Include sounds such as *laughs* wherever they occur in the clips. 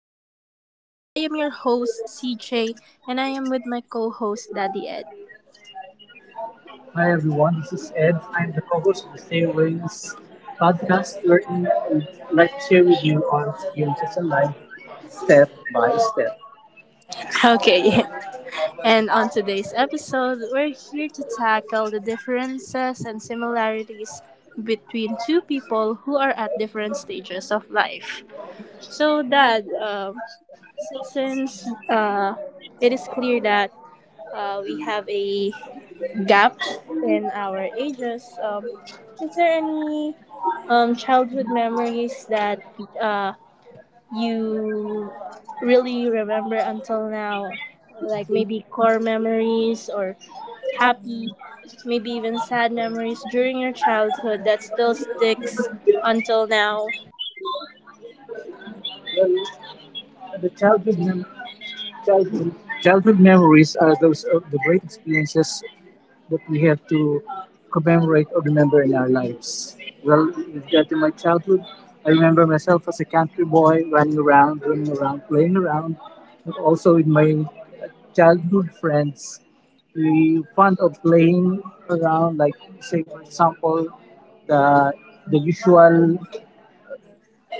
step by step. I am your host, CJ, and I am with my co host, Daddy Ed. Hi everyone, this is Ed. I'm the co-host of the Stay Ways podcast, wherein we like to share with you our experiences in life, step by step. Okay, *laughs* and on today's episode, we're here to tackle the differences and similarities between two people who are at different stages of life. So, Dad, since it is clear that we have a gap in our ages. Is there any childhood memories that uh, you really remember until now? Like maybe core memories or happy, maybe even sad memories during your childhood that still sticks until now? Well, the childhood memory Childhood. Childhood memories are those of the great experiences that we have to commemorate or remember in our lives. Well, with that in my childhood, I remember myself as a country boy running around, playing around, and also with my childhood friends. We fond of playing around, like say for example, the the usual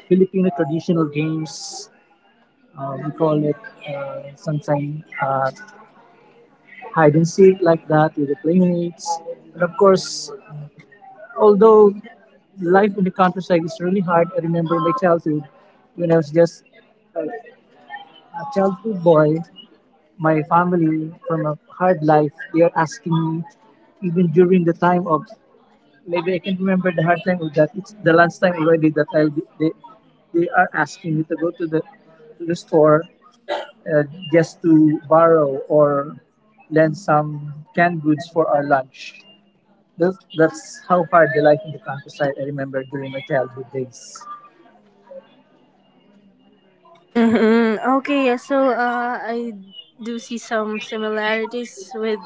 Filipino traditional games. We call it sometimes hide and seek like that with the playmates. And of course, although life in the countryside is really hard, I remember my childhood when I was just a childhood boy. My family from a hard life, they are asking me even during the time of maybe I can remember the hard time of that. It's the lunchtime already that I'll be, they are asking me to go to the store, uh, just to borrow or lend some canned goods for our lunch. That's how hard the life in the countryside I remember during my childhood days. Okay, yeah, so I do see some similarities with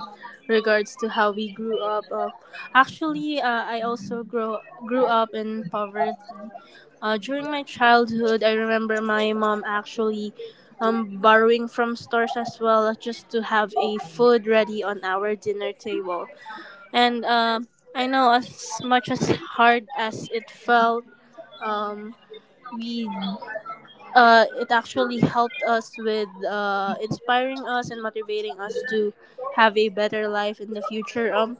regards to how we grew up. Actually, I also grow grew up in poverty. During my childhood, I remember my mom actually borrowing from stores as well just to have a food ready on our dinner table. And I know as much as hard as it felt, um, we it actually helped us with inspiring us and motivating us to have a better life in the future.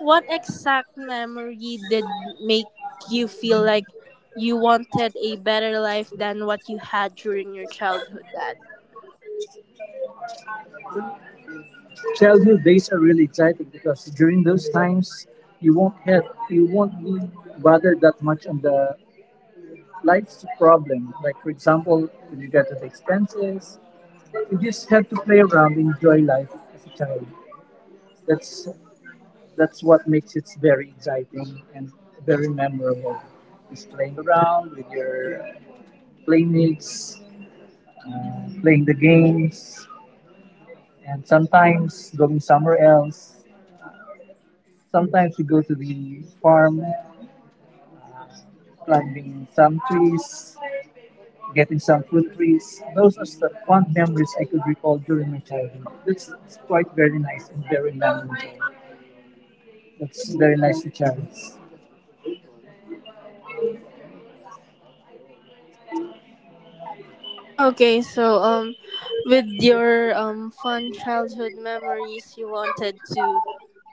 What exact memory did make you feel like you wanted a better life than what you had during your childhood, Dad? Childhood days are really exciting because during those times you won't have you won't be bothered that much on the life's problem. Like for example, with regard to the expenses, you just have to play around, enjoy life as a child. That's that's what makes it very exciting and very memorable. Just playing around with your playmates, playing the games, and sometimes going somewhere else. Sometimes we go to the farm, climbing some trees, getting some fruit trees. Those are the fond memories I could recall during my childhood. That's it's quite very nice and very memorable. That's very nice to cherish. Okay, so with your fun childhood memories, you wanted to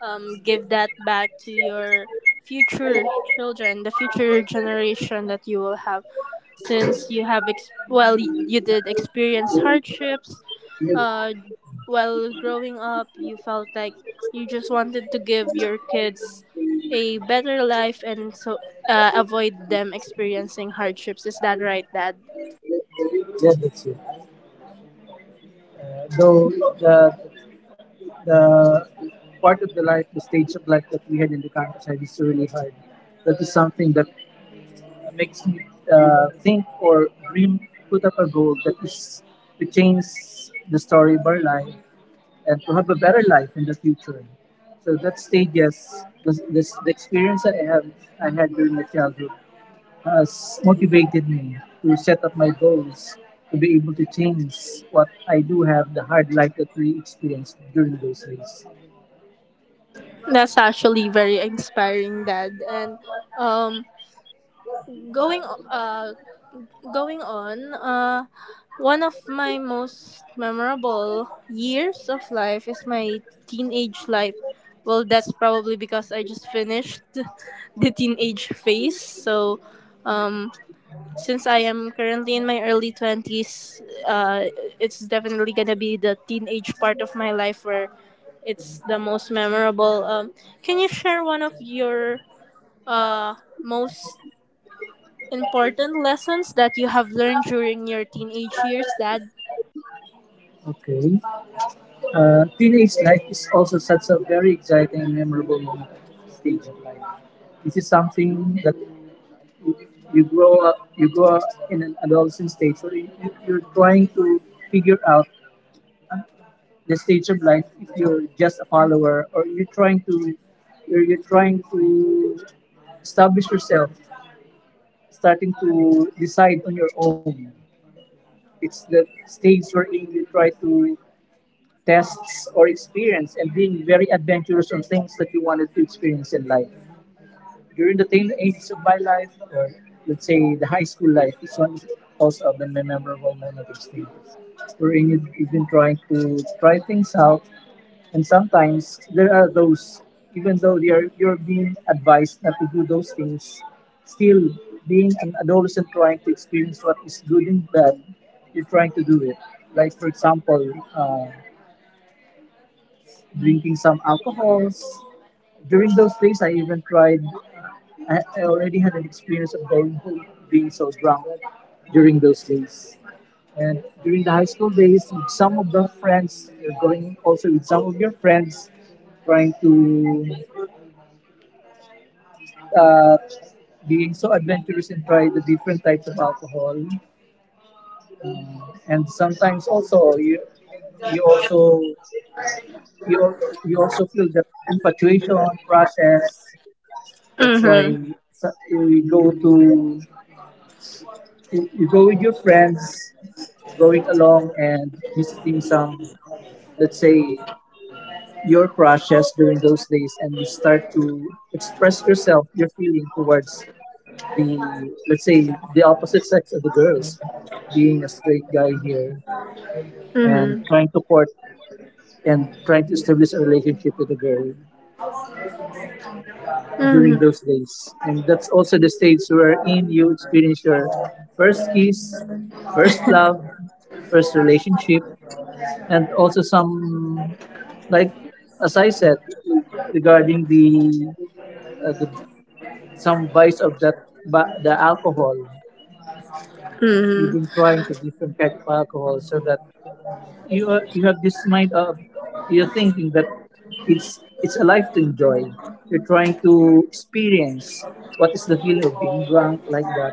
give that back to your future children, the future generation that you will have, since you have well you did experience hardships. Uh, while growing up, you felt like you just wanted to give your kids a better life and so avoid them experiencing hardships. Is that right, Dad? Yeah, that's it. Though the, the part of the life, the stage of life that we had in the countryside is really hard. That is something that makes me think or dream, put up a goal that is to change the story of our life and to have a better life in the future. So that stages, the experience that I had during my childhood has motivated me to set up my goals to be able to change what I do have the hard life that we experienced during those days. That's actually very inspiring, Dad. And um, going uh, going on, one of my most memorable years of life is my teenage life. Well, that's probably because I just finished *laughs* the teenage phase. So, um, since I am currently in my early 20s, it's definitely going to be the teenage part of my life where it's the most memorable. Can you share one of your uh, most important lessons that you have learned during your teenage years, Dad? Okay. Teenage life is also such a very exciting and memorable moment, stage of life. This is something that you you grow up in an adolescent stage, so you're trying to figure out the stage of life if you're just a follower or you're trying to you're trying to establish yourself, starting to decide on your own. It's the stage wherein you try to tests or experience and being very adventurous on things that you wanted to experience in life. During the teen ages of my life, or let's say the high school life, this one is also of the memorable moment of stages. Wherein you've been trying to try things out, and sometimes there are those, even though they are, you're being advised not to do those things, still being an adolescent trying to experience what is good and bad, you're trying to do it. Like, for example, uh, drinking some alcohols. During those days, I even tried, I already had an experience of going being so drunk during those days. And during the high school days, with some of the friends, you're going also with some of your friends, trying to uh, being so adventurous and try the different types of alcohol. Uh, and sometimes also you also you al- you also feel the infatuation process. That's why Mm-hmm. You go to you go with your friends, going along and visiting some, let's say, your crushes during those days, and you start to express yourself, your feeling towards the, let's say, the opposite sex of the girls, being a straight guy here and Mm-hmm. trying to court and trying to establish a relationship with a girl during Mm-hmm. those days. And that's also the stage wherein you experience your first kiss, first love, first relationship, and also some like as I said regarding the some vice of that but the alcohol. You've Mm-hmm. been trying to different kind of alcohol so that you have this mind of you're thinking that it's a life to enjoy. You're trying to experience what is the feeling of being drunk like that.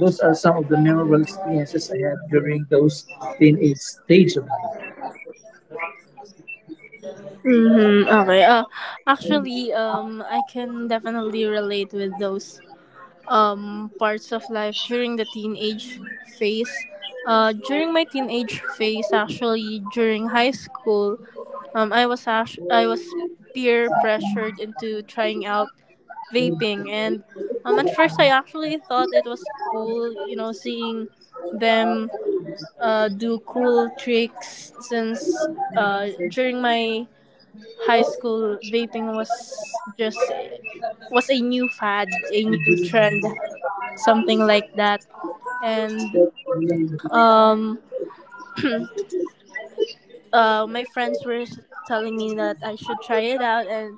Those are some of the memorable experiences I had during those teenage stage of Mm-hmm. Okay. Actually, I can definitely relate with those parts of life during the teenage phase. During my teenage phase, actually, during high school, I was I was peer pressured into trying out vaping, and at first I actually thought it was cool, you know, seeing them do cool tricks since during my high school vaping was a new fad, a new trend something like that. And um, my friends were telling me that I should try it out. And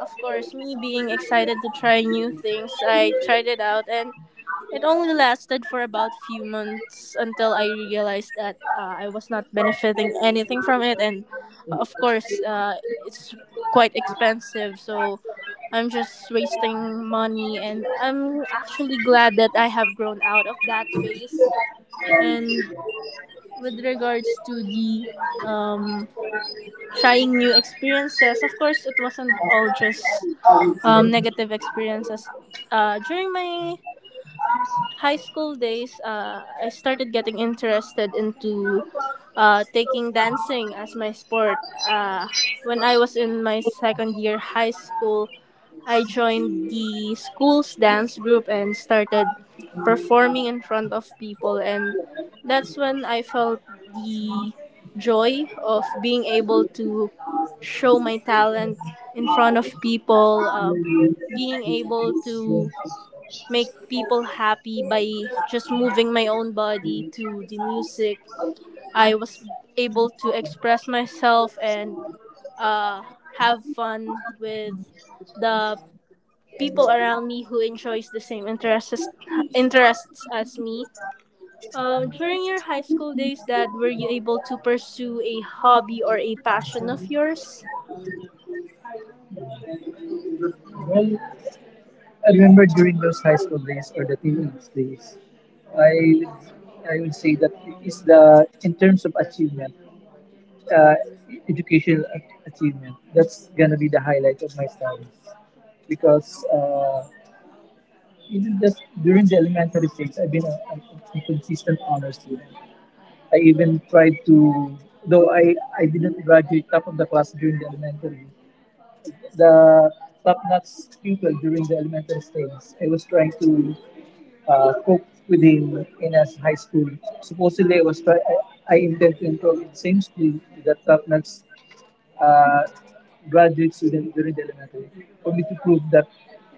of course, me being excited to try new things, I tried it out. And it only lasted for about few months until I realized that I was not benefiting anything from it. And of course, it's quite expensive. So I'm just wasting money. And I'm actually glad that I have grown out of that phase. And with regards to the um, trying new experiences, of course, it wasn't all just negative experiences. During my high school days, I started getting interested into taking dancing as my sport. Uh, when I was in my second year high school, I joined the school's dance group and started performing in front of people. And that's when I felt the joy of being able to show my talent in front of people, being able to make people happy by just moving my own body to the music. I was able to express myself and uh, have fun with the people around me who enjoys the same interests as me. During your high school days, Dad, were you able to pursue a hobby or a passion of yours? life. I remember during those high school days or the teenage days, I would, I would say that it is the in terms of achievement, uh, educational achievement. That's gonna be the highlight of my studies because even just during the elementary stage, I've been a consistent honor student. I even tried to, though I didn't graduate top of the class during the elementary, the top-notch pupil during the elementary stage. I was trying to cope with him in as high school. Supposedly, I was try- I intend to enroll in the same school with the top-notch uh, graduate student during the elementary for me to prove that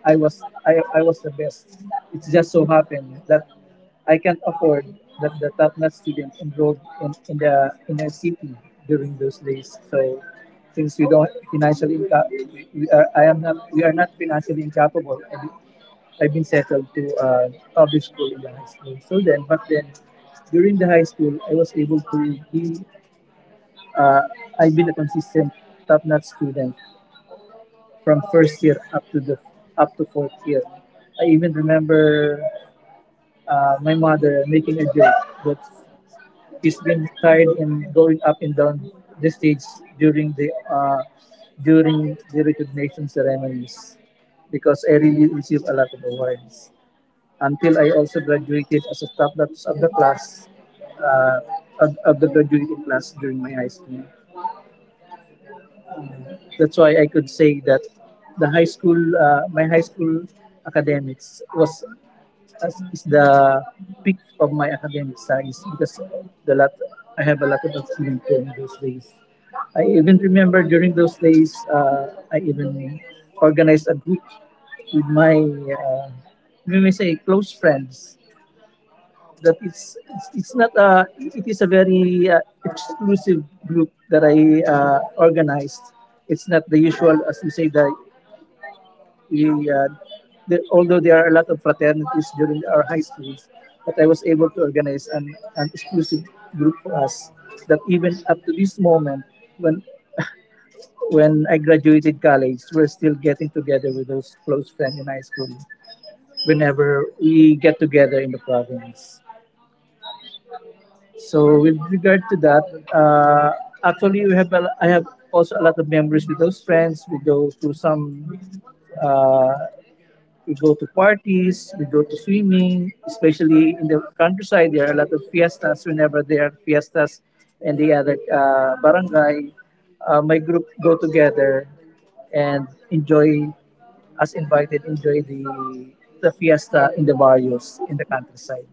I was the best. It just so happened that I can't afford that the top notch student enrolled in the inner city during those days. So since we don't financially inca- we are I am not we are not financially incapable. I've been settled to public school in the high school. So then, but then during the high school, I was able to be uh, I've been a consistent top-notch student from first year up to the up to fourth year. I even remember my mother making a joke that he's been tired in going up and down the stage during the uh, during the recognition ceremonies because I really received a lot of awards. Until I also graduated as a top notch of the class, uh, of the graduating class during my high school. That's why I could say that my high school academics was as is the peak of my academic studies because the lot I have a lot of achievement during those days. I even remember during those days, I even organized a group with my, we may say, close friends that it's not a it is a very, exclusive group that I, organized. It's not the usual, as you say, that we, the, although there are a lot of fraternities during our high schools, but I was able to organize an exclusive group for us that even up to this moment, when I graduated college, we're still getting together with those close friends in high school whenever we get together in the province. So with regard to that, uh, actually I have also a lot of memories with those friends. We go to some, uh, we go to parties, we go to swimming, especially in the countryside. There are a lot of fiestas whenever there are fiestas, and the other, barangay, my group go together and enjoy as invited enjoy the fiesta in the barrios in the countryside.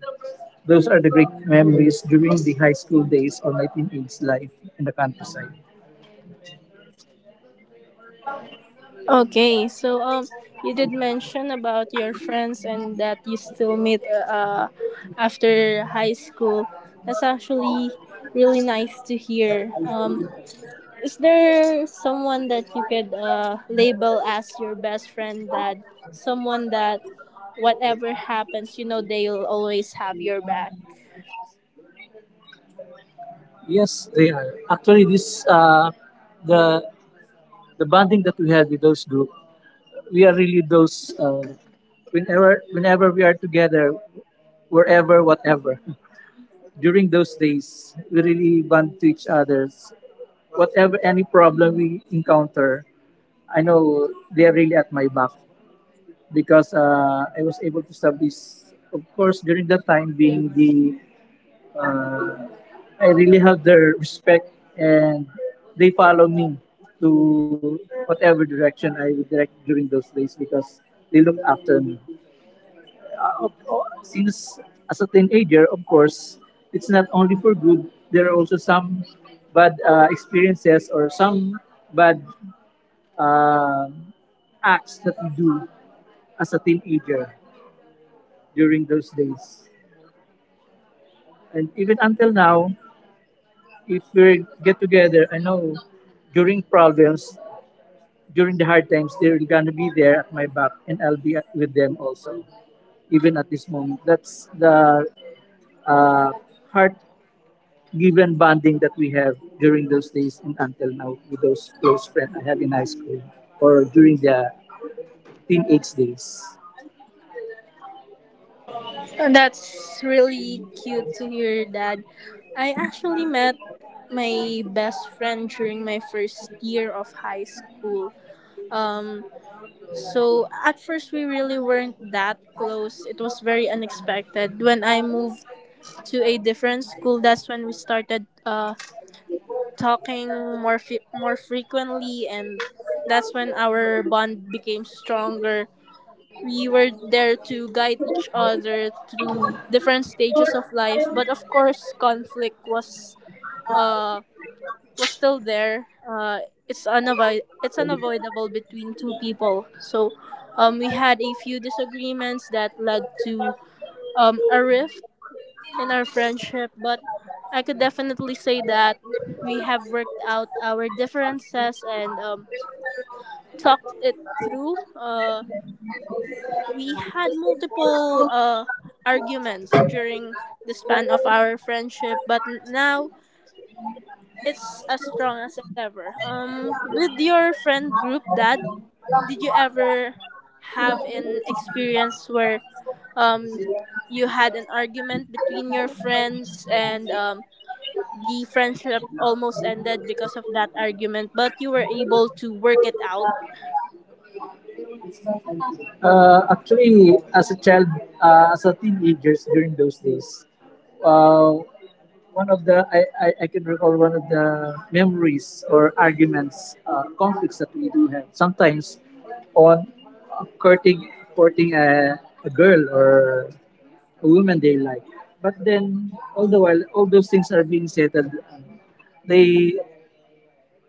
Those are the great memories during the high school days or my teenage life in the countryside. Okay, so you did mention about your friends and that you still meet uh, after high school. That's actually really nice to hear. Is there someone that you could label as your best friend that someone that whatever happens, you know they'll always have your back? Yes, they are. Actually, this, the the bonding that we had with those group, we are really those, whenever we are together, wherever, whatever. *laughs* During those days, we really bond to each others. Whatever any problem we encounter, I know they are really at my back because, I was able to service. Of course, during that time being the, uh, I really have their respect and they follow me to whatever direction I would direct during those days because they look after me. Since as a teenager, of course, it's not only for good, there are also some bad, experiences or some bad, uh, acts that we do as a teenager during those days. And even until now, if we get together, I know during problems, during the hard times, they're gonna be there at my back, and with them also, even at this moment. That's the, uh, heart-given bonding that we have during those days and until now with those close friends I have in high school or during the teenage days. And that's really cute to hear that. I actually met my best friend during my first year of high school. Um, so at first we really weren't that close. It was very unexpected. When I moved to a different school, that's when we started talking more frequently, and that's when our bond became stronger. We were there to guide each other through different stages of life, but of course conflict uh was still there. It's unavoid it's unavoidable between two people, so we had a few disagreements that led to a rift in our friendship, but I could definitely say that we have worked out our differences and talked it through. We had multiple arguments during the span of our friendship, but now it's as strong as ever. With your friend group, Dad, did you ever have an experience where um, you had an argument between your friends and the friendship almost ended because of that argument, but you were able to work it out. Actually, as a child, as a teenagers during those days, uh, one of the I can recall one of the memories or arguments, conflicts that we do have sometimes on courting courting a girl or a woman they like. But then, all the while, all those things are being settled. They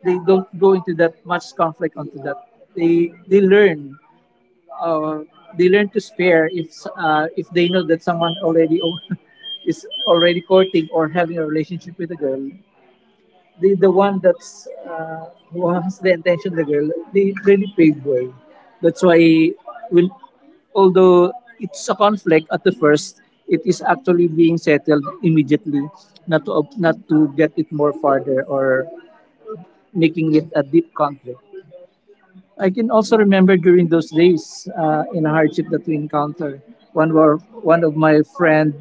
they don't go into that much conflict onto that. They learn uh, they learn to spare if they know that someone already *laughs* is already courting or having a relationship with a girl, the one that's who has the intention, the girl. They really pave way. That's why, when, although it's a conflict at the first, it is actually being settled immediately, not to not to get it more farther or making it a deep conflict. I can also remember during those days in hardship that we encounter. One were one of my friend,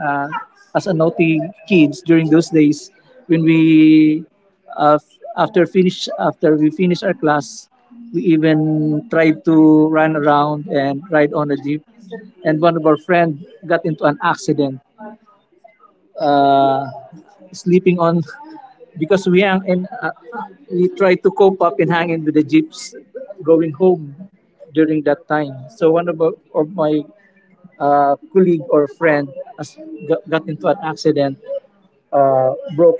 uh, as a naughty kids during those days, when we after we finish our class, we even tried to run around and ride on a jeep. And one of our friend got into an accident, uh, sleeping on, because we hang in, we try to cope up and hang in with the jeeps going home during that time. So one of my colleague or friend has got into an accident, broke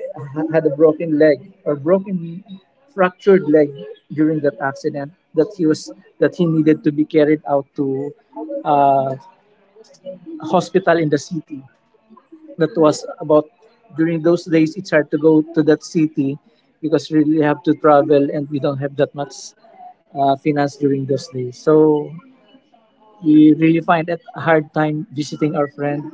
had a broken leg or broken, fractured leg during that accident, that he needed to be carried out to uh, a hospital in the city. That was about During those days, it's hard to go to that city because really, you really have to travel, and we don't have that much finance during those days. So we really find it a hard time visiting our friend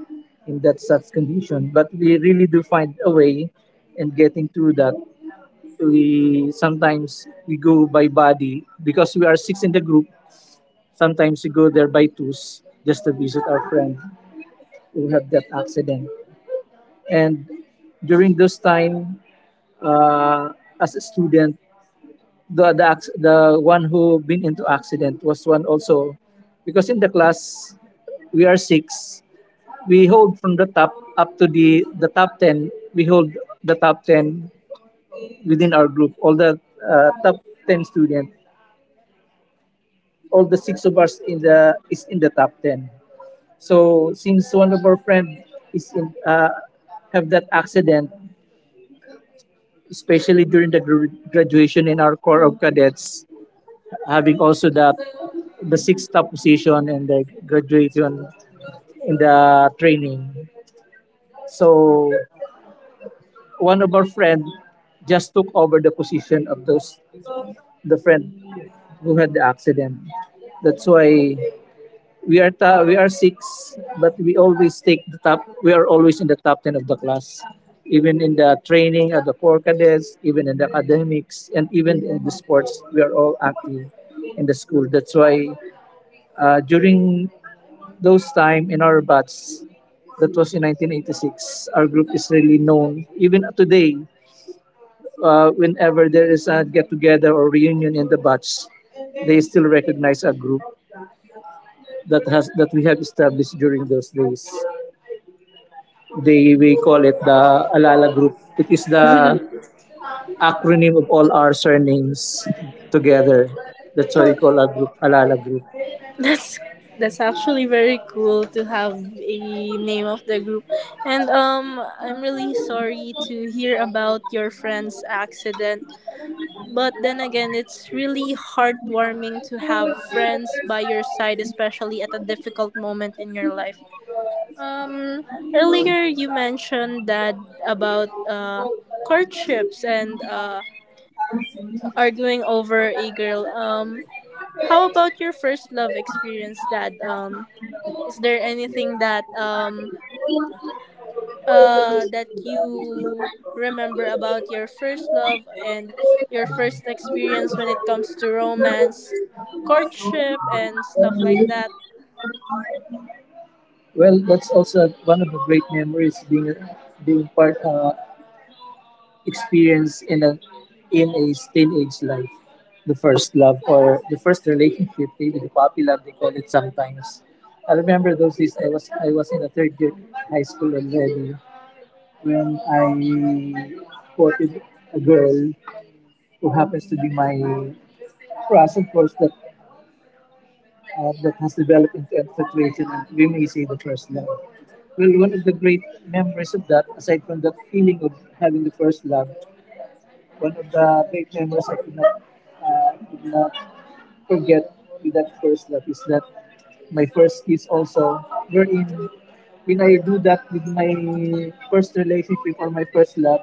in that such condition, but we really do find a way in getting through that. We sometimes we go by body because we are six in the group. Sometimes we go there by twos just to visit our friend who have that accident. And during those time, uh, as a student, the one who been into accident was one also, because in the class we are six. We hold from the top up to the top 10. We hold the top 10 within our group. All the top 10 students, all the six of us in the is in the top 10. So since one of our friend is in have that accident, especially during the graduation in our corps of cadets, having also that the sixth top position and the graduation in the training. So one of our friend just took over the position of those the friend who had the accident. That's why we are six, but we always take the top. We are always in the top 10 of the class, even in the training at the core cadets, even in the academics, and even in the sports. We are all active in the school. That's why, during those time in our batch, that was in 1986, our group is really known. Even today, whenever there is a get-together or reunion in the batch, they still recognize our group that we have established during those days. They we call it the Alala Group. It is the acronym of all our surnames together. That's why we call our group Oh, Alala Group. that's that's actually very cool to have a name of the group. And um, I'm really sorry to hear about your friend's accident. But then again, it's really heartwarming to have friends by your side, especially at a difficult moment in your life. Um, earlier you mentioned that about courtships and arguing over a girl. How about your first love experience, Dad? Is there anything that that you remember about your first love and your first experience when it comes to romance, courtship, and stuff like that? Well, that's also one of the great memories, being part, experience in a teenage life. The first love or the first relationship, maybe the puppy love they call it sometimes. I remember those days, I was in a third year high school already, when I courted a girl who happens to be my crush, of course, that has developed into infatuation, and we may say the first love. Well, one of the great memories of that, aside from that feeling of having the first love, one of the big memories I could not forget with that first love is that my first kiss also, wherein when I do that with my first relationship or my first love,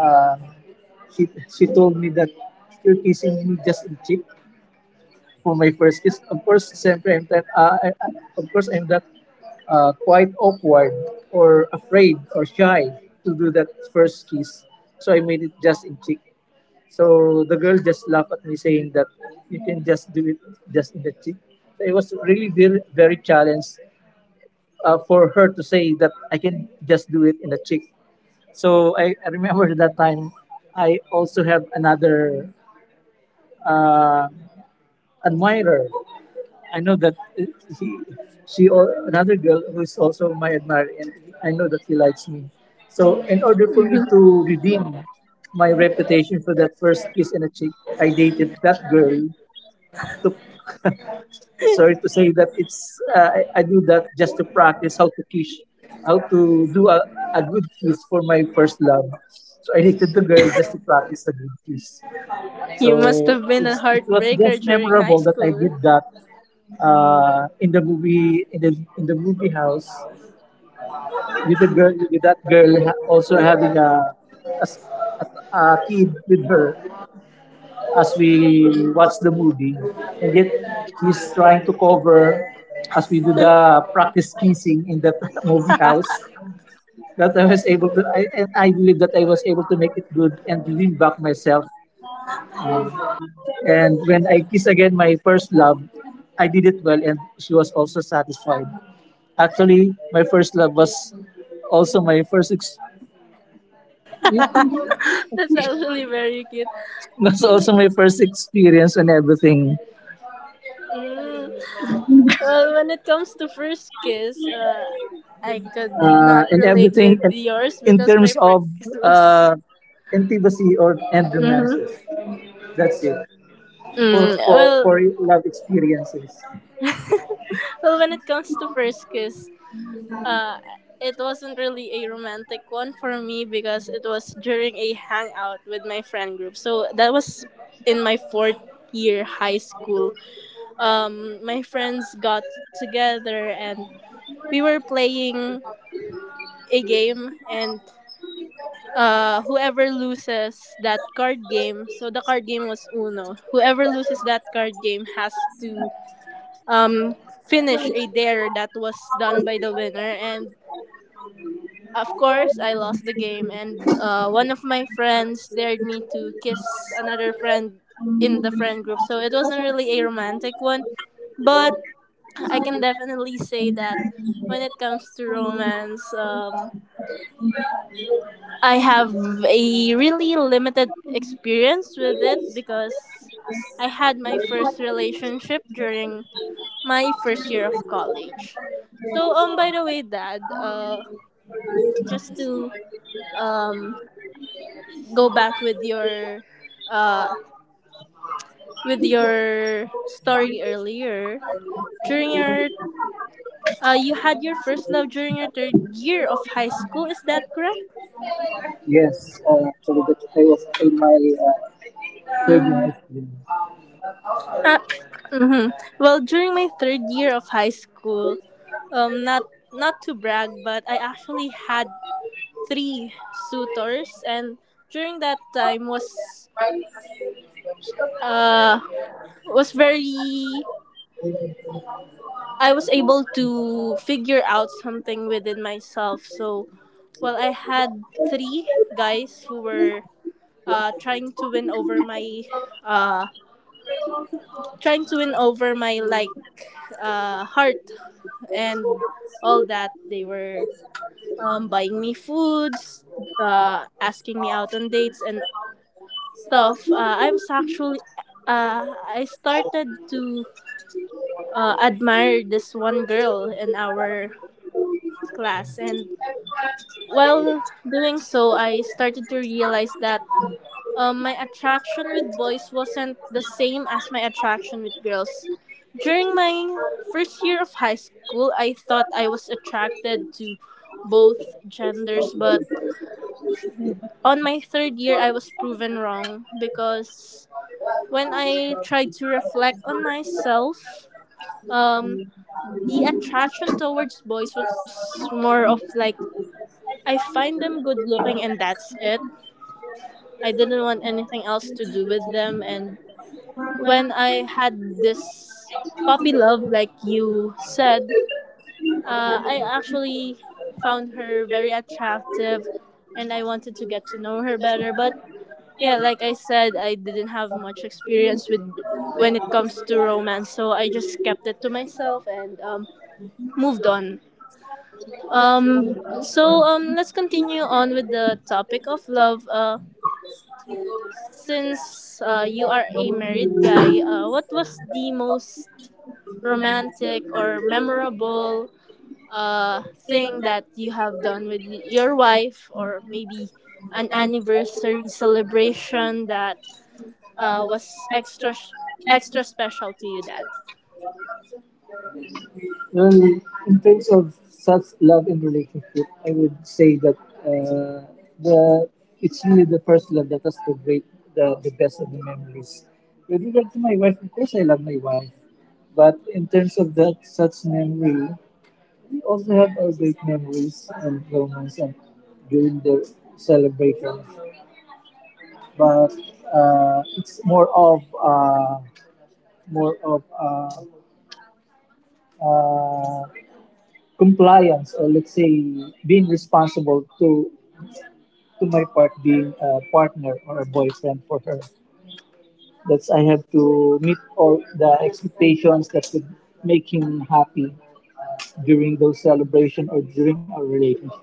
uh, she told me that, "You're kissing me just in cheek for my first kiss." Of course, siyempre, I'm that, I- of course, I'm that, quite awkward or afraid or shy to do that first kiss. So I made it just in cheek. So the girl just laughed at me, saying that you can just do it just in the cheek. So it was really very, very challenged, for her to say that I can just do it in the cheek. So I remember that time I also have another, uh, admirer. I know that he, she, or another girl who is also my admirer, and I know that he likes me. So in order for me to redeem my reputation for that first kiss in a cheek, I dated that girl to, sorry to say that I do that just to practice how *laughs* to kiss, how to do a good kiss for my first love. So I dated the girl just to practice a good kiss. You must So have been a it was heartbreaker just during high memorable that I did school. that, in the movie, in the movie house, with that girl, also having a kid with her. As we watch the movie, and yet he's trying to cover as we do the practice kissing in that *laughs* movie house. That I was able to, and I believe that I was able to make it good and lean back myself. *laughs* Um, and when I kiss again my first love, I did it well, and she was also satisfied. Actually, my first love was also my first ex- *laughs* That's actually very cute. *laughs* was also Y- my first experience and everything, Mm. Well, when it comes to first kiss, I could not and relate everything in, with yours in because my terms of, first kiss was. uh, intimacy or and *laughs* romances. Mhm. That's it for Mm. for for Well, love experiences. well, when it comes to first kiss, uh, it wasn't really a romantic one for me because it was during a hangout with my friend group. So that was in my fourth year high school. My friends got together and we were playing a game, and whoever loses that card game, so the card game was uno, whoever loses that card game has to um, finish a dare that was done by the winner. And of course I lost the game, and one of my friends dared me to kiss another friend in the friend group, so it wasn't really a romantic one. But I can definitely say that when it comes to romance, I have a really limited experience with it because I had my first relationship during my first year of college. So by the way, Dad, just to um go back uh with your story earlier, during your you had your first love during your third year of high school, is that correct? Yes, actually, that I was in my, uh, third year Mhm. high school. Uh, mhm. Well, during my third year of high school, not to brag, but I actually had three suitors, and during that time uh was very I was able to figure out something within myself. So, well, I had three guys who were trying to win over my uh like heart and all that. They were buying me foods, asking me out on dates and stuff. I was I started to admire this one girl in our class, and while doing so, I started to realize that my attraction with boys wasn't the same as my attraction with girls. During my first year of high school, I thought I was attracted to both genders, but on my third year, I was proven wrong because when I tried to reflect on myself, um, the attraction towards boys was more of like I find them good looking and that's it. I didn't want anything else to do with them, and when I had this puppy love, like you said, I actually found her very attractive and I wanted to get to know her better. But yeah, like I said, I didn't have much experience with when it comes to romance, so I just kept it to myself and moved on. Let's continue on with the topic of love. Since you are a married guy, what was the most romantic or memorable thing that you have done with your wife, or maybe an anniversary celebration that was extra special to you, Dad? Well, in terms of such love and relationship, I would say that, uh, the it's really the first love that has the great, the best of the memories. With regard to my wife, of course, I love my wife, but in terms of that such memory, we also have our great memories and moments and during the celebrations. But it's more of uh, compliance, or let's say, being responsible to my part, being a partner or a boyfriend for her. That's, I have to meet all the expectations that would make him happy during those celebration or during our relationship.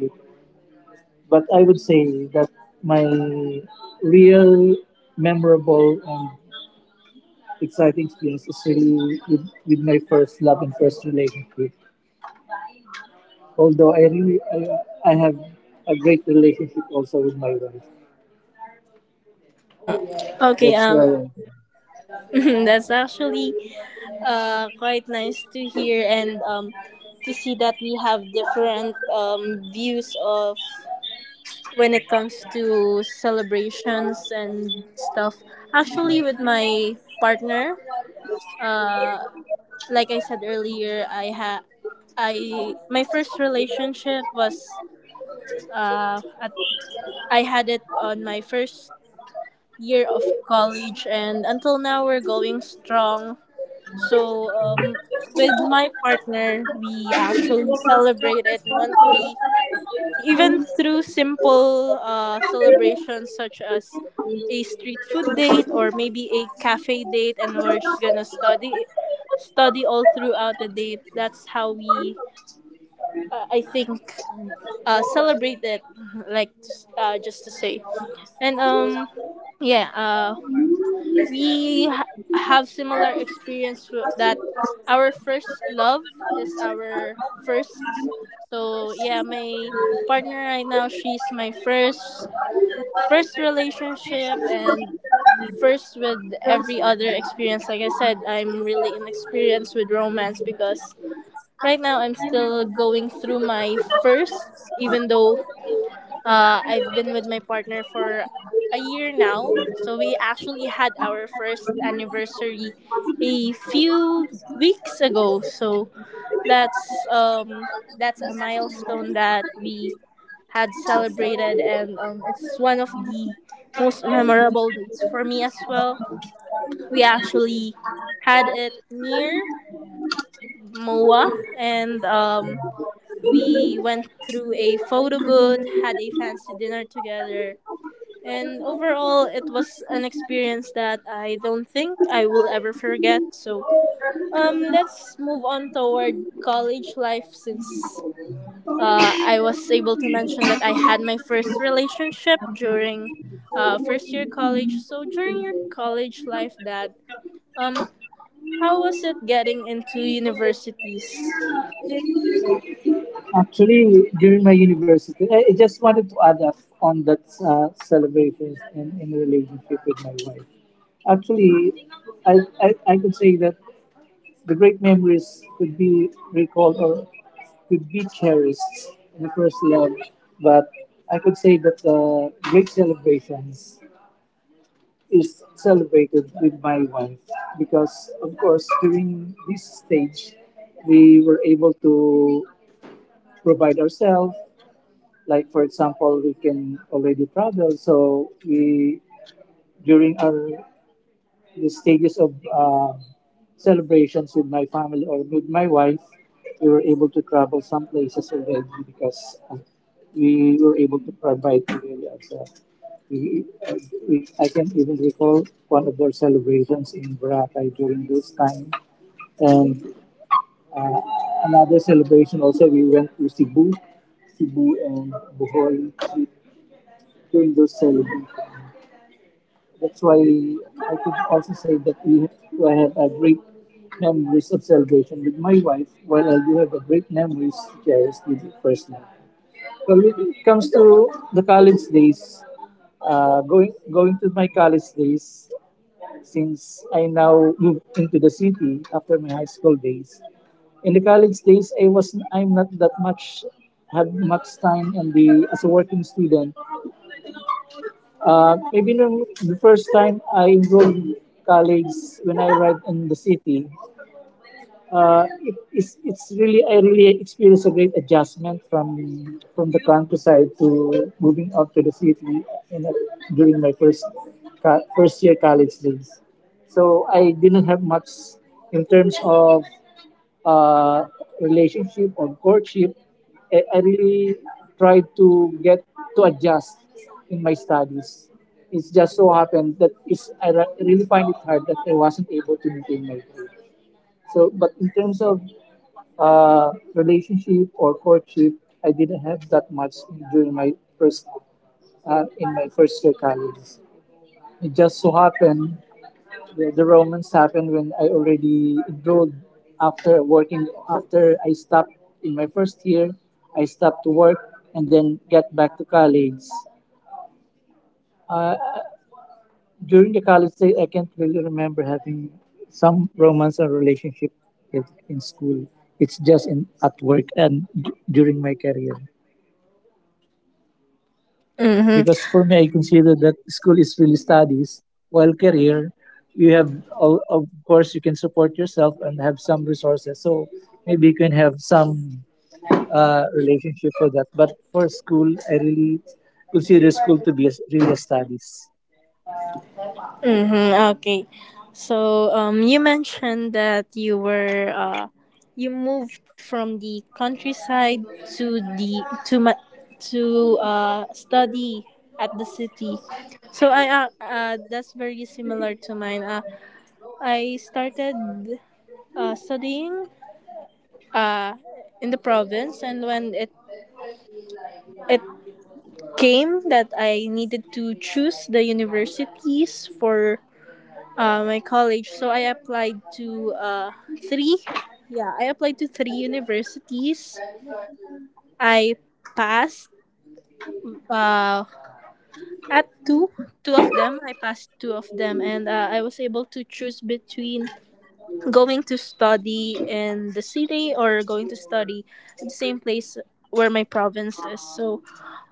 But I would say that my real memorable and exciting experience is really with my first love and first relationship. Although I really, I have a great relationship also with my wife. Okay, That's why *laughs* that's actually quite nice to hear and to see that we have different views of when it comes to celebrations and stuff. Actually, with my partner, Uh, like I said earlier, I my first relationship was uh at, I had it on my first year of college, and until now we're going strong. So with my partner, we actually celebrate it monthly. Even through simple celebrations such as a street food date or maybe a cafe date, and we're just gonna study all throughout the date. That's how we, uh, I think, celebrate it. Like just to say, and yeah. We have similar experience that our first love is our first. So yeah, my partner right now, she's my first relationship and first with every other experience. Like I said, I'm really inexperienced with romance because right now I'm still going through my firsts, even though I've been with my partner for a year now. So we actually had our first anniversary a few weeks ago. So that's um, that's a milestone that we had celebrated, and it's one of the most memorable dates for me as well. We actually had it near MOA, and we went through a photo booth, had a fancy dinner together, and overall, it was an experience that I don't think I will ever forget. So, let's move on toward college life since I was able to mention that I had my first relationship during first year college. So, during your college life, that um, how was it getting into universities? actually during my university, I just wanted to add up on that, celebrations and in relationship with my wife. Actually, I, I I could say that the great memories could be recalled or could be cherished in the first love, but I could say that the great celebrations is celebrated with my wife, because of course during this stage we were able to provide ourselves. Like for example, we can already travel. So we, during our, the stages of, celebrations with my family or with my wife, we were able to travel some places already because, we were able to provide really ourselves. We, uh, I can even recall one of their celebrations in Boracay during this time, and, uh, another celebration also, we went to Cebu, and Bohol during those celebrations. That's why I could also say that we I have a great memories of celebration with my wife, while I do have a great memories to cherish with the person. Well, when it comes to the college days, going to my college days, since I now moved into the city after my high school days, in the college days I'm not that much, had much time, and the as a working student, maybe nung the first time I enrolled college, when I arrived in the city, it's really, I really experienced a great adjustment from the countryside to moving out to the city, in, during my first, first year college days. So I didn't have much in terms of, uh, relationship or courtship. I really tried to get to adjust in my studies. It's just so happened that really find it hard that I wasn't able to maintain my grades. So, but in terms of, relationship or courtship, I didn't have that much during my first in my first year college. It just so happened the romance happened when I already enrolled, after working, after I stopped in my first year. I stopped to work and then get back to college. During the college days, I can't really remember having some romance or relationship in school. It's just in at work and during my career. Mm-hmm. Because for me, I consider that school is really studies, while career, you have of course you can support yourself and have some resources. So maybe you can have some relationship for that. But for school, I really consider school to be really a studies. Mm-hmm, okay. So, you mentioned that you moved from the countryside to the to study at the city. So I that's very similar to mine. I started studying uh in the province, and when it came that I needed to choose the universities for my college. So I applied to three. Yeah, I applied to three universities. I passed uh, at two. Two of them, I passed two of them, and I was able to choose between going to study in the city or going to study at the same place where my province is. So,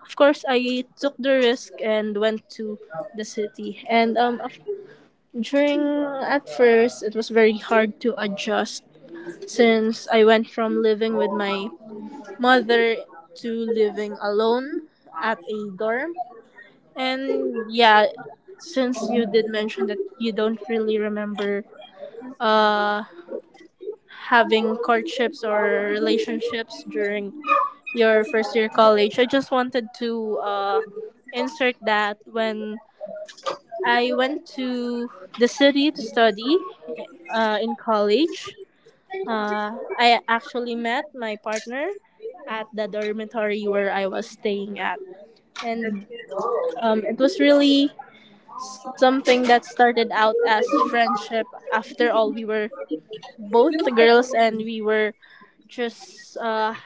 of course, I took the risk and went to the city. And af- during At first, it was very hard to adjust since I went from living with my mother to living alone at a dorm. And yeah, since you did mention that you don't really remember uh having courtships or relationships during your first year college, I just wanted to insert that when I went to the city to study in college, Uh, I actually met my partner at the dormitory where I was staying at. And it was really something that started out as friendship. After all, we were both girls and we were just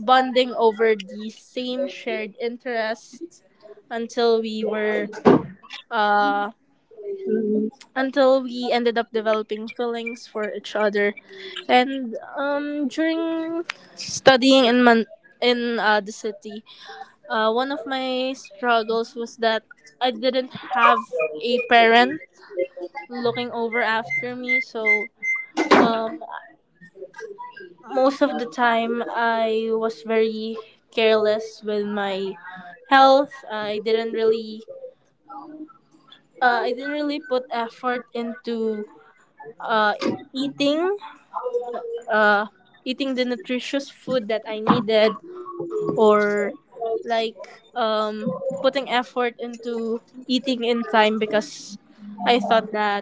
bonding over the same shared interests until we were uh, until we ended up developing feelings for each other. And during studying in the city, one of my struggles was that I didn't have a parent looking over after me. So um, most of the time, I was very careless with my health. I didn't really put effort into uh, eating uh, eating the nutritious food that I needed, or like putting effort into eating in time because I thought that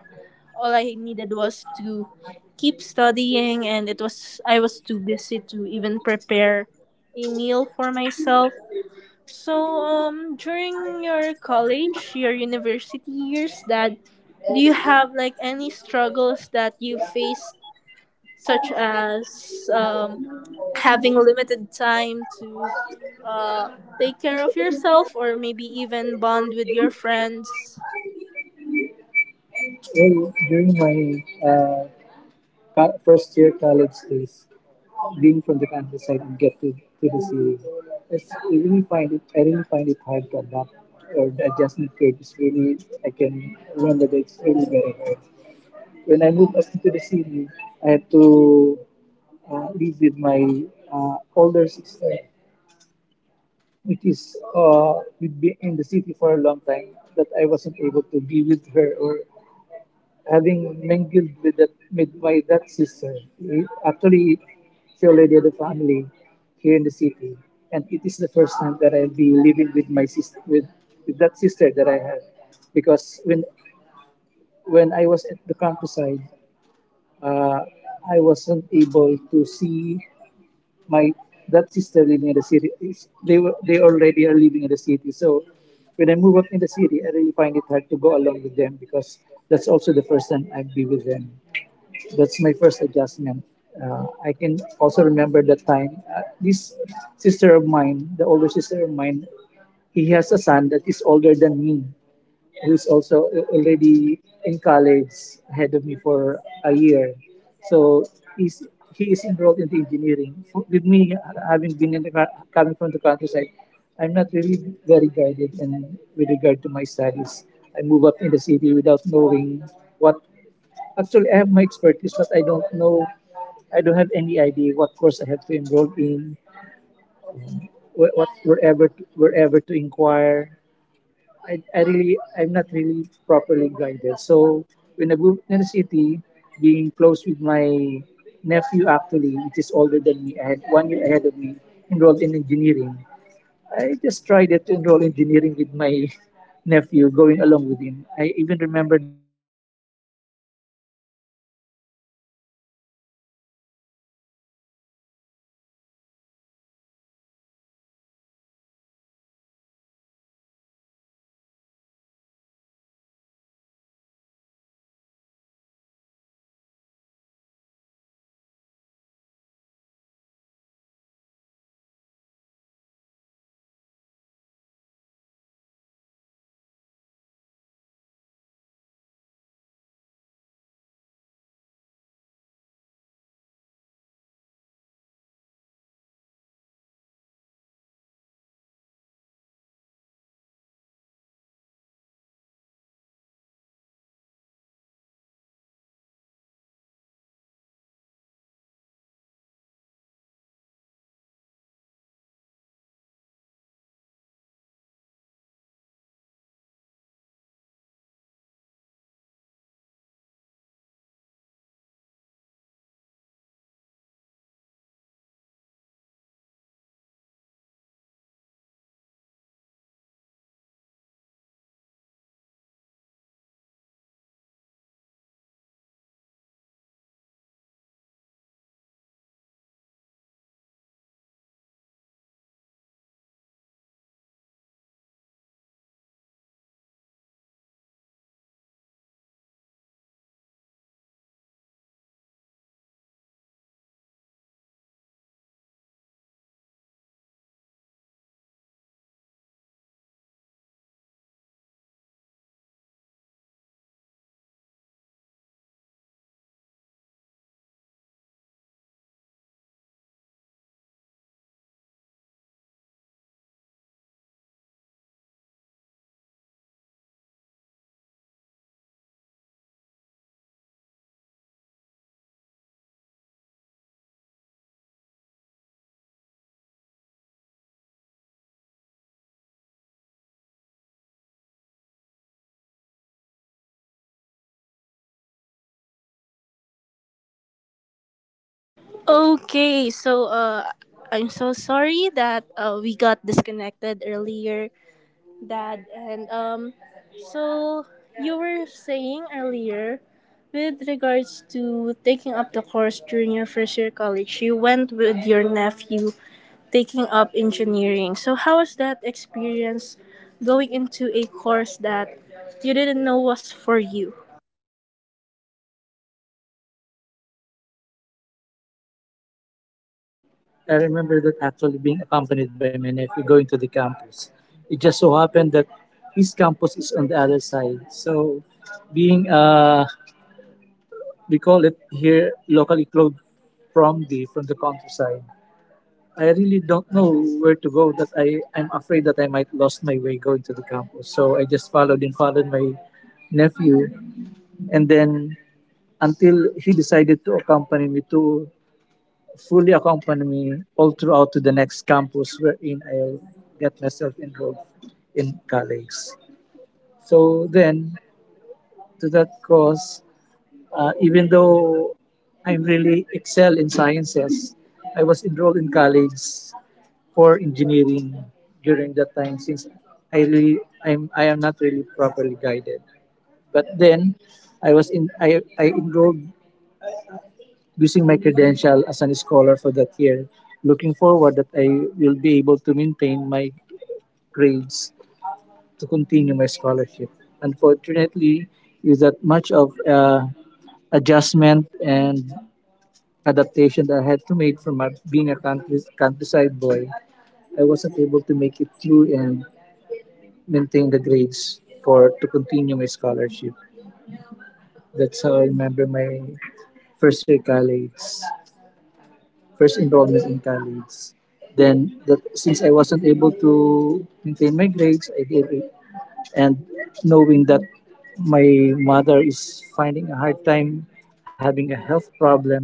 all I needed was to keep studying, and it was I was too busy to even prepare a meal for myself. So, during your college, your university years, Dad, do you have like any struggles that you faced such as having limited time to take care of yourself or maybe even bond with your friends? Well, during my uh, first year college days, being from the countryside and get to the city. I really find it I really find it hard to adapt or the adjustment period is really I can remember that it's really very hard. When I moved up into the city, I had to live with my older sister, which is we'd been in the city for a long time, that I wasn't able to be with her or having mingled with with my that sister. Actually, she already had a family here in the city, and it is the first time that I'll be living with my sister with that sister that I have, because when I was at the countryside, uh, I wasn't able to see my that sister living in the city. It's- They were they already are living in the city, so. When I move up in the city, I really find it hard to go along with them because that's also the first time I'd be with them that's my first adjustment. I can also remember that time. This sister of mine, the older sister of mine, he has a son that is older than me, who is also already in college ahead of me for a year. So he's, he is enrolled into engineering. With me, having been in the coming from the countryside, I'm not really very guided in with regard to my studies. I move up in the city without knowing what actually, I have my expertise, but I don't know. I don't have any idea what course I have to enroll in, wherever to inquire. I really I'm not really properly guided. So when I moved to the city, being close with my nephew actually, it is older than me. I had 1 year ahead of me, enrolled in engineering. Okay, so I'm so sorry that we got disconnected earlier, Dad. And so you were saying earlier with regards to taking up the course during your first year college, you went with your nephew, taking up engineering. So how was that experience going into a course that you didn't know was for you? I remember that actually being accompanied by my nephew going to the campus. It just so happened that his campus is on the other side. So being call it here locally clothed from the countryside. I really don't know where to go that I'm afraid that I might lost my way going to the campus. So I just followed and followed my nephew and then until he decided to accompany me to fully accompany me all throughout to the next campus wherein I'll get myself enrolled in college. So then, to that cause, even though I'm really excel in sciences, I was enrolled in college for engineering during that time since I really I'm I am not really properly guided. But then, I was in I enrolled using my credential as an scholar for that year, looking forward that I will be able to maintain my grades to continue my scholarship. Unfortunately, is that much of adjustment and adaptation that I had to make from my, being a countryside boy, I wasn't able to make it through and maintain the grades for to continue my scholarship. That's how I remember my first year college. First enrollment in college. Then, that since I wasn't able to maintain my grades, I gave it. And knowing that my mother is finding a hard time having a health problem,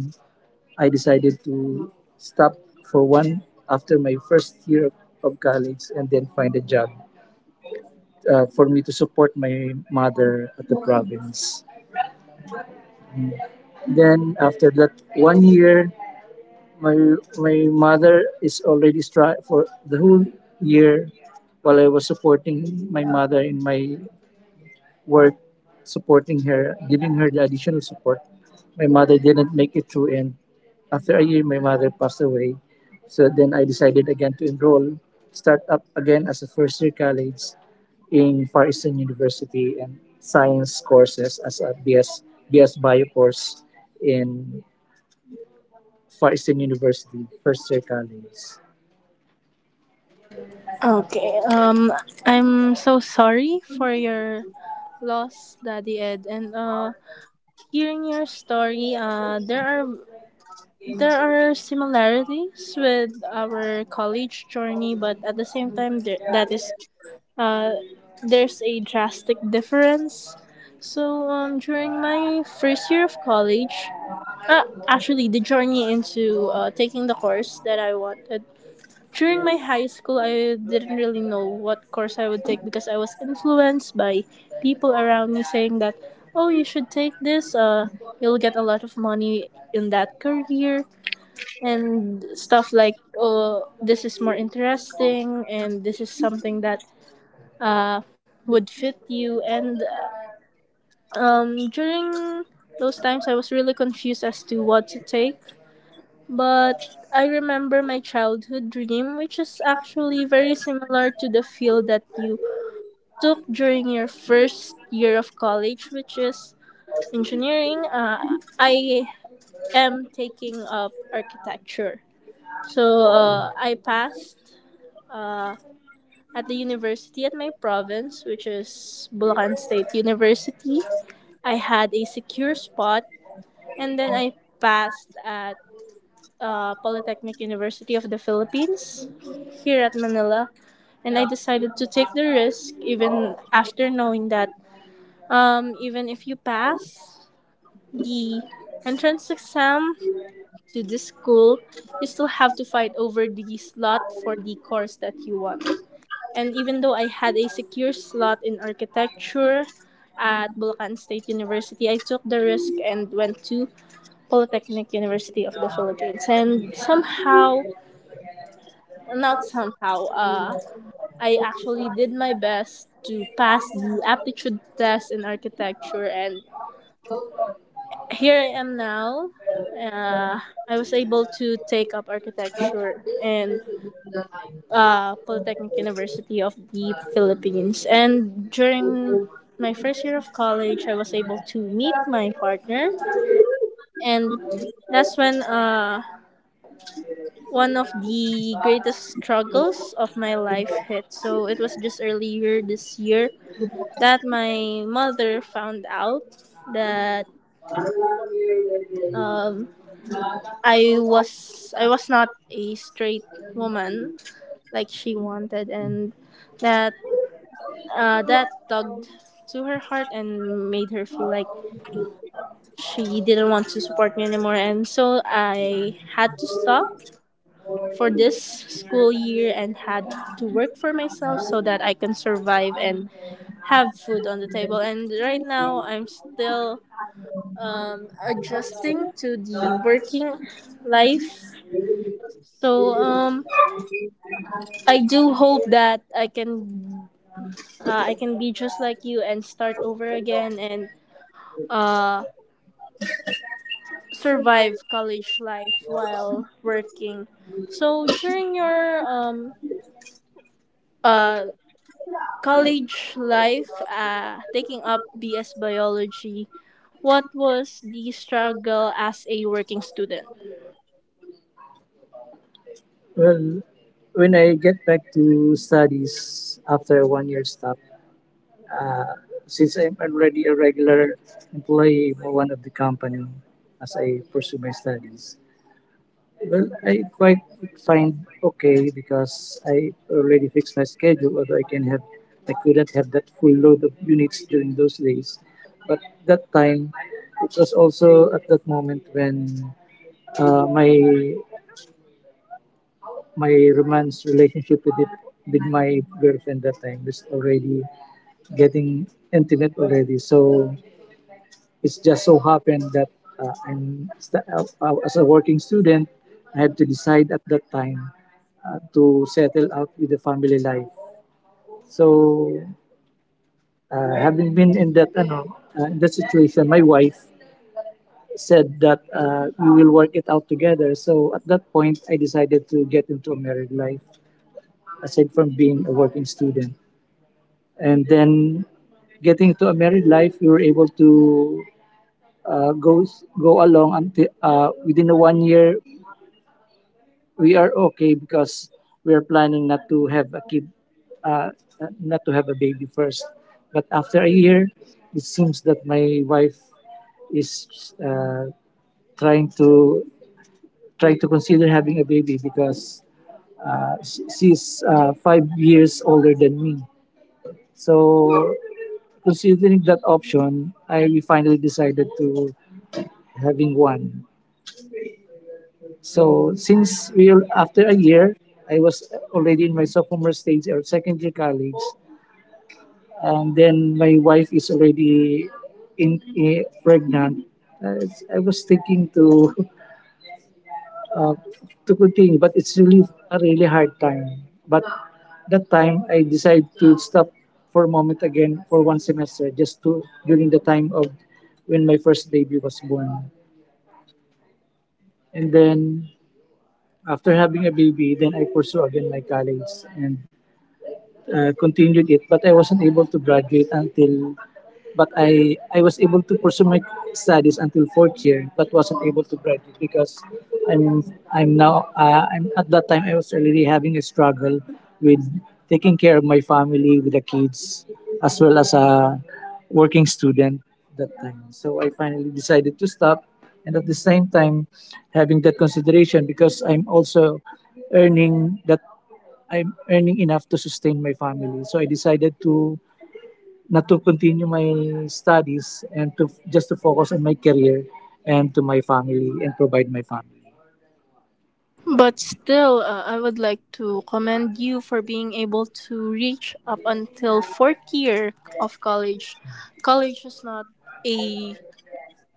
I decided to stop for one after my first year of college and then find a job for me to support my mother at the province. Then after that 1 year, my my mother is already stri for the whole year while I was supporting my mother in my work, supporting her, giving her the additional support. My mother didn't make it through, and after a year, my mother passed away. So then I decided again to enroll, start up again as a first year college in Far Eastern University and science courses as a BS Bio course in Far Eastern University first year college. Okay. Um, I'm so sorry for your loss, Daddy Ed. And uh, hearing your story, uh, there are similarities with our college journey, but at the same time that is uh there's a drastic difference. So um, during my first year of college, actually, the journey into taking the course that I wanted. During my high school, I didn't really know what course I would take because I was influenced by people around me saying that, oh, you should take this, you'll get a lot of money in that career, and stuff like, oh, this is more interesting, and this is something that uh, would fit you. And during those times, I was really confused as to what to take, but I remember my childhood dream, which is actually very similar to the field that you took during your first year of college, which is engineering. I am taking up architecture. So I passed uh, at the university at my province, which is Bulacan State University. I had a secure spot, and then I passed at Polytechnic University of the Philippines here at Manila. And I decided to take the risk, even after knowing that even if you pass the entrance exam to this school, you still have to fight over the slot for the course that you want. And even though I had a secure slot in architecture at Bulacan State University, I took the risk and went to Polytechnic University of the Philippines. And somehow. Not somehow. I actually did my best to pass the aptitude test in architecture, and here I am now. Uh, I was able to take up architecture in Polytechnic University of the Philippines. And during my first year of college, I was able to meet my partner, and that's when one of the greatest struggles of my life hit. So it was just earlier this year that my mother found out that um, I was not a straight woman like she wanted, and that that tugged to her heart and made her feel like she didn't want to support me anymore. And so I had to stop for this school year and had to work for myself so that I can survive and have food on the table. And right now I'm still adjusting to the working life. So I do hope that I can be just like you and start over again and uh, survive college life while working. So during your uh, college life, taking up BS biology, what was the struggle as a working student? Well, when I get back to studies after a 1 year stop, uh, since I'm already a regular employee for one of the company as I pursue my studies, well, I quite find okay because I already fixed my schedule, although I can have, I couldn't have that full load of units during those days. But that time, it was also at that moment when my my romance relationship with it, with my girlfriend that time is already getting intimate already. So it's just so happened that as a working student, I had to decide at that time to settle out with the family life. So having been in that in that situation, my wife said that we will work it out together. So at that point, I decided to get into a married life aside from being a working student. And then getting into a married life we were able to uh, go go along until within the 1 year we are okay because we are planning not to have a kid uh, not to have a baby first but after a year it seems that my wife is trying to trying to consider having a baby because she's 5 years older than me so considering that option, I finally decided to having one. So since we are- after a year, I was already in my sophomore stage or second year college, and then my wife is already in, eh, pregnant. It's- I was thinking to *laughs* uh, to continue, but it's really a really hard time. But that time, I decided to stop for a moment again for one semester, just to during the time of when my first baby was born. And then after having a baby, then I pursue again my college and continued it, but I wasn't able to graduate until. But I was able to pursue my studies until fourth year, but wasn't able to graduate because I'm I'm now I'm at that time I was already having a struggle with taking care of my family with the kids as well as a working student that time. So I finally decided to stop, and at the same time having that consideration because earning that I'm earning enough to sustain my family. So I decided to not to continue my studies and to just to focus on my career and to my family and provide my family. But still, I would like to commend you for being able to reach up until fourth year of college. College is not a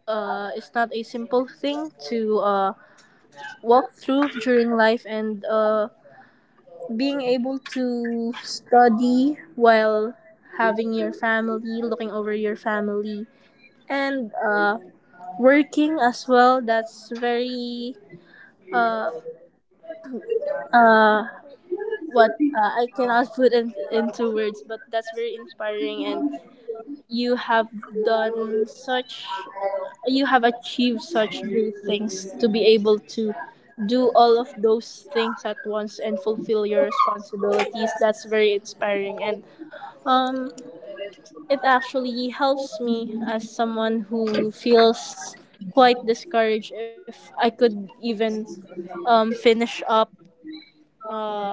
it's not a simple thing to walk through during life, and being able to study while having your family, looking over your family, and working as well. That's very uh, uh, what I cannot put into words, but that's very inspiring. And you have done such, you have achieved such great things to be able to do all of those things at once and fulfill your responsibilities. That's very inspiring. And um, it actually helps me as someone who feels quite discouraged if I could even finish up. Uh,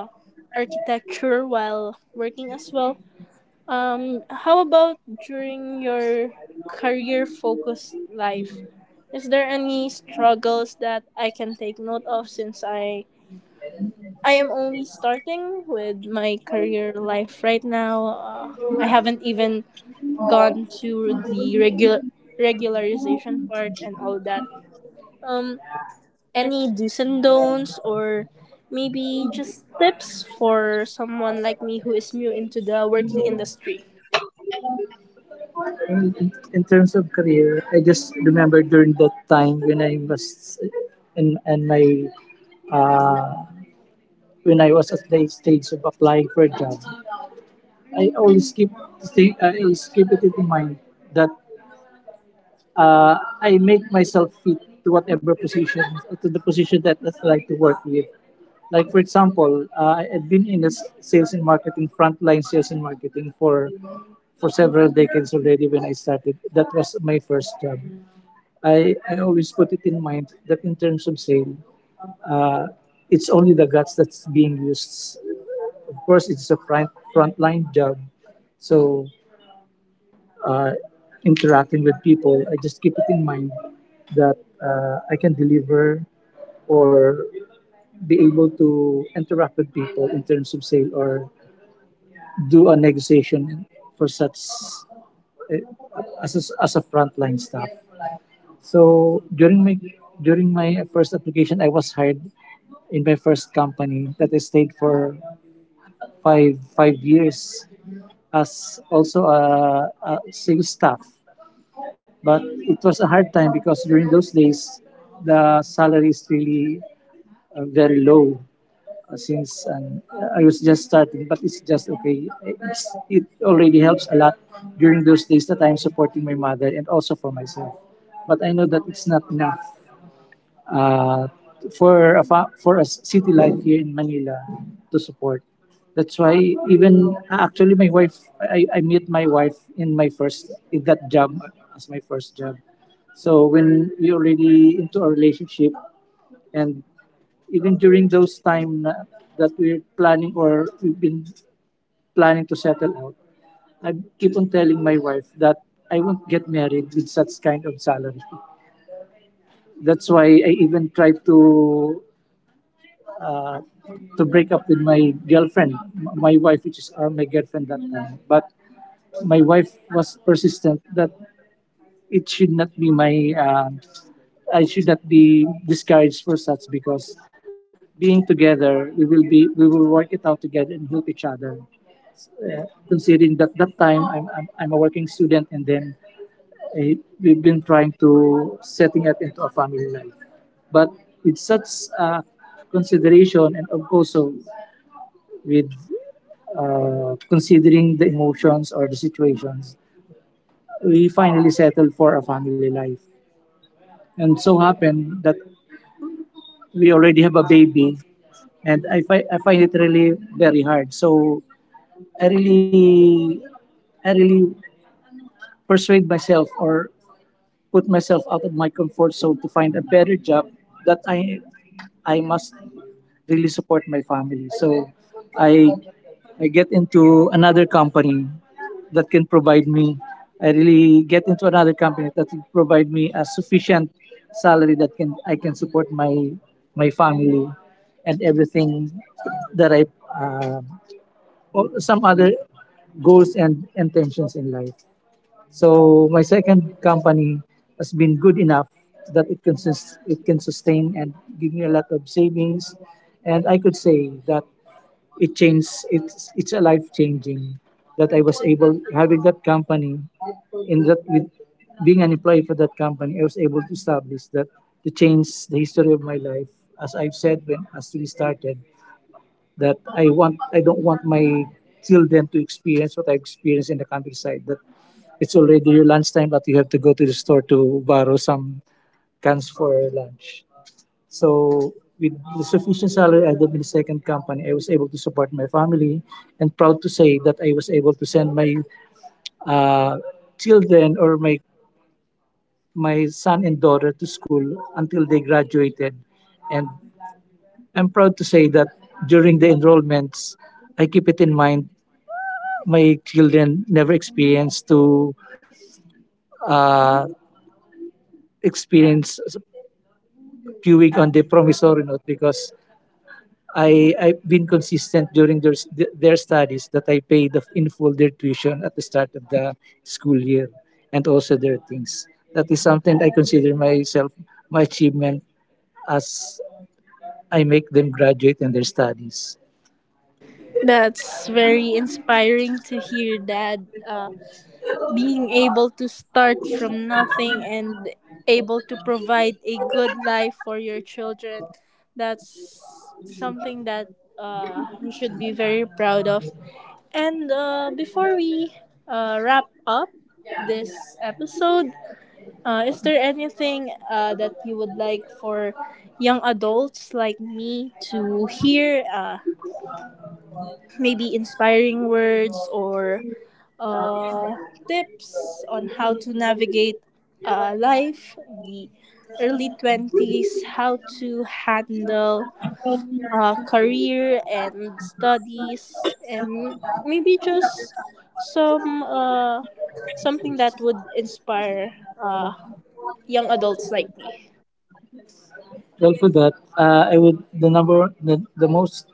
architecture while working as well. How about during your career focused life? Is there any struggles that I can take note of since I am only starting with my career life right now? I haven't even gone to the regularization part and all that. Um, any do's and don'ts or maybe just tips for someone like me who is new into the working industry? In terms of career, I just remember during that time when I was in and my uh, when I was at the stage of applying for a job, I always keep I always keep it in mind that uh, I make myself fit to whatever position, to the position that I like to work with. Like for example, I've been in the sales and marketing, frontline sales and marketing for several decades already. When I started, that was my first job. I always put it in mind that in terms of sale, uh, it's only the guts that's being used. Of course, it's a frontline job, so uh, interacting with people, I just keep it in mind that I can deliver or be able to interact with people in terms of sale or do a negotiation for such uh, as as a frontline staff. So during my first application, I was hired in my first company that I stayed for five years as also a sales staff. But it was a hard time because during those days, the salary is really very low since I was just starting. But it's just okay. It already helps a lot during those days that I'm supporting my mother and also for myself. But I know that it's not enough. uh, for a city life here in Manila to support. That's why even actually my wife, I met my wife in my first in that job as my first job. So when we already into a relationship, and even during those time that we're planning or we've been planning to settle out, I keep on telling my wife that I won't get married with such kind of salary. That's why I even try uh, to break up with my girlfriend, my wife, which is my girlfriend that time. But my wife was persistent that it should not be I should not be discouraged for such, because being together, we will work it out together and help each other. Considering that that time I'm a working student, and then I, we've been trying to setting up into a family life, but with such uh, consideration and of course, so with considering the emotions or the situations, we finally settled for a family life. And so happened that we already have a baby, and I find it really very hard. So I really, I really persuade myself or put myself out of my comfort zone to find a better job that I must really support my family. So I I get into another company that can provide me. I really get into another company that will provide me a sufficient salary that can I can support my family and everything that I uh, or some other goals and intentions in life. So my second company has been good enough that it can it can sustain and give me a lot of savings, and I could say that it changed it's a life changing that I was able having that company in that, with being an employee for that company, I was able to establish that, to change the history of my life. As I've said when as we started, that I don't want my children to experience what I experienced in the countryside, that it's already your lunchtime but you have to go to the store to borrow some cans for lunch. So with the sufficient salary I got in the second company, I was able to support my family, and proud to say that I was able to send my uh, children, or my son and daughter to school until they graduated. And I'm proud to say that during the enrollments, I keep it in mind. My children never experienced to uh, experience queuing on the promissory note, because I've been consistent during their their studies, that I pay the in full their tuition at the start of the school year, and also their things. That is something I consider myself my achievement, as I make them graduate in their studies. That's very inspiring to hear, Dad. Being able to start from nothing and able to provide a good life for your children, that's something that you should be very proud of. And before we wrap up this episode, is there anything that you would like for young adults like me to hear? Maybe inspiring words or uh, tips on how to navigate life, the early 20s, how to handle career and studies, and maybe just some something that would inspire uh, young adults like me. Well, for that, I would the most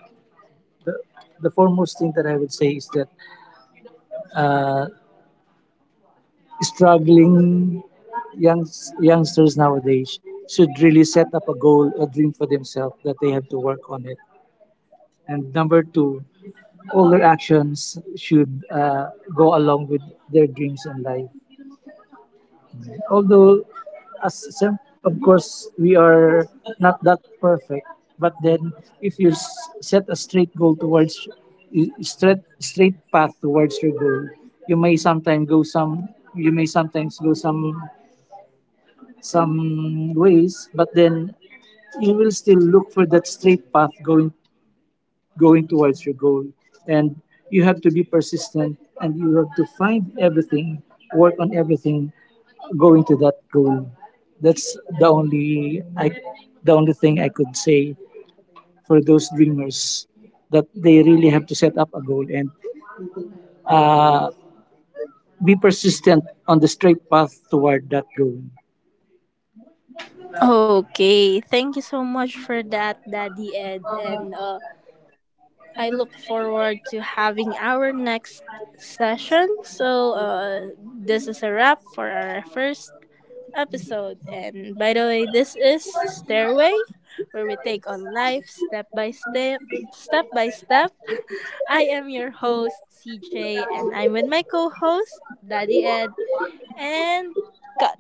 the, the foremost thing that I would say is that uh, struggling young youngsters nowadays should really set up a goal, a dream for themselves that they have to work on it. And number two, all their actions should go along with their dreams in life. Although, as sem- of course, we are not that perfect, but then if you set a straight goal towards straight path towards your goal, you may sometimes go some you may sometimes go some some ways, but then you will still look for that straight path going towards your goal. And you have to be persistent, and you have to find everything, work on everything going to that goal. That's the only I, the only thing I could say for those dreamers, that they really have to set up a goal and uh, be persistent on the straight path toward that goal. Okay, thank you so much for that, Daddy Ed, and I look forward to having our next session. So, this is a wrap for our first episode. And by the way, this is Stairway, where we take on life step by step, step by step. *laughs* I am your host, CJ, and I'm with my co host, Daddy Ed, and cut.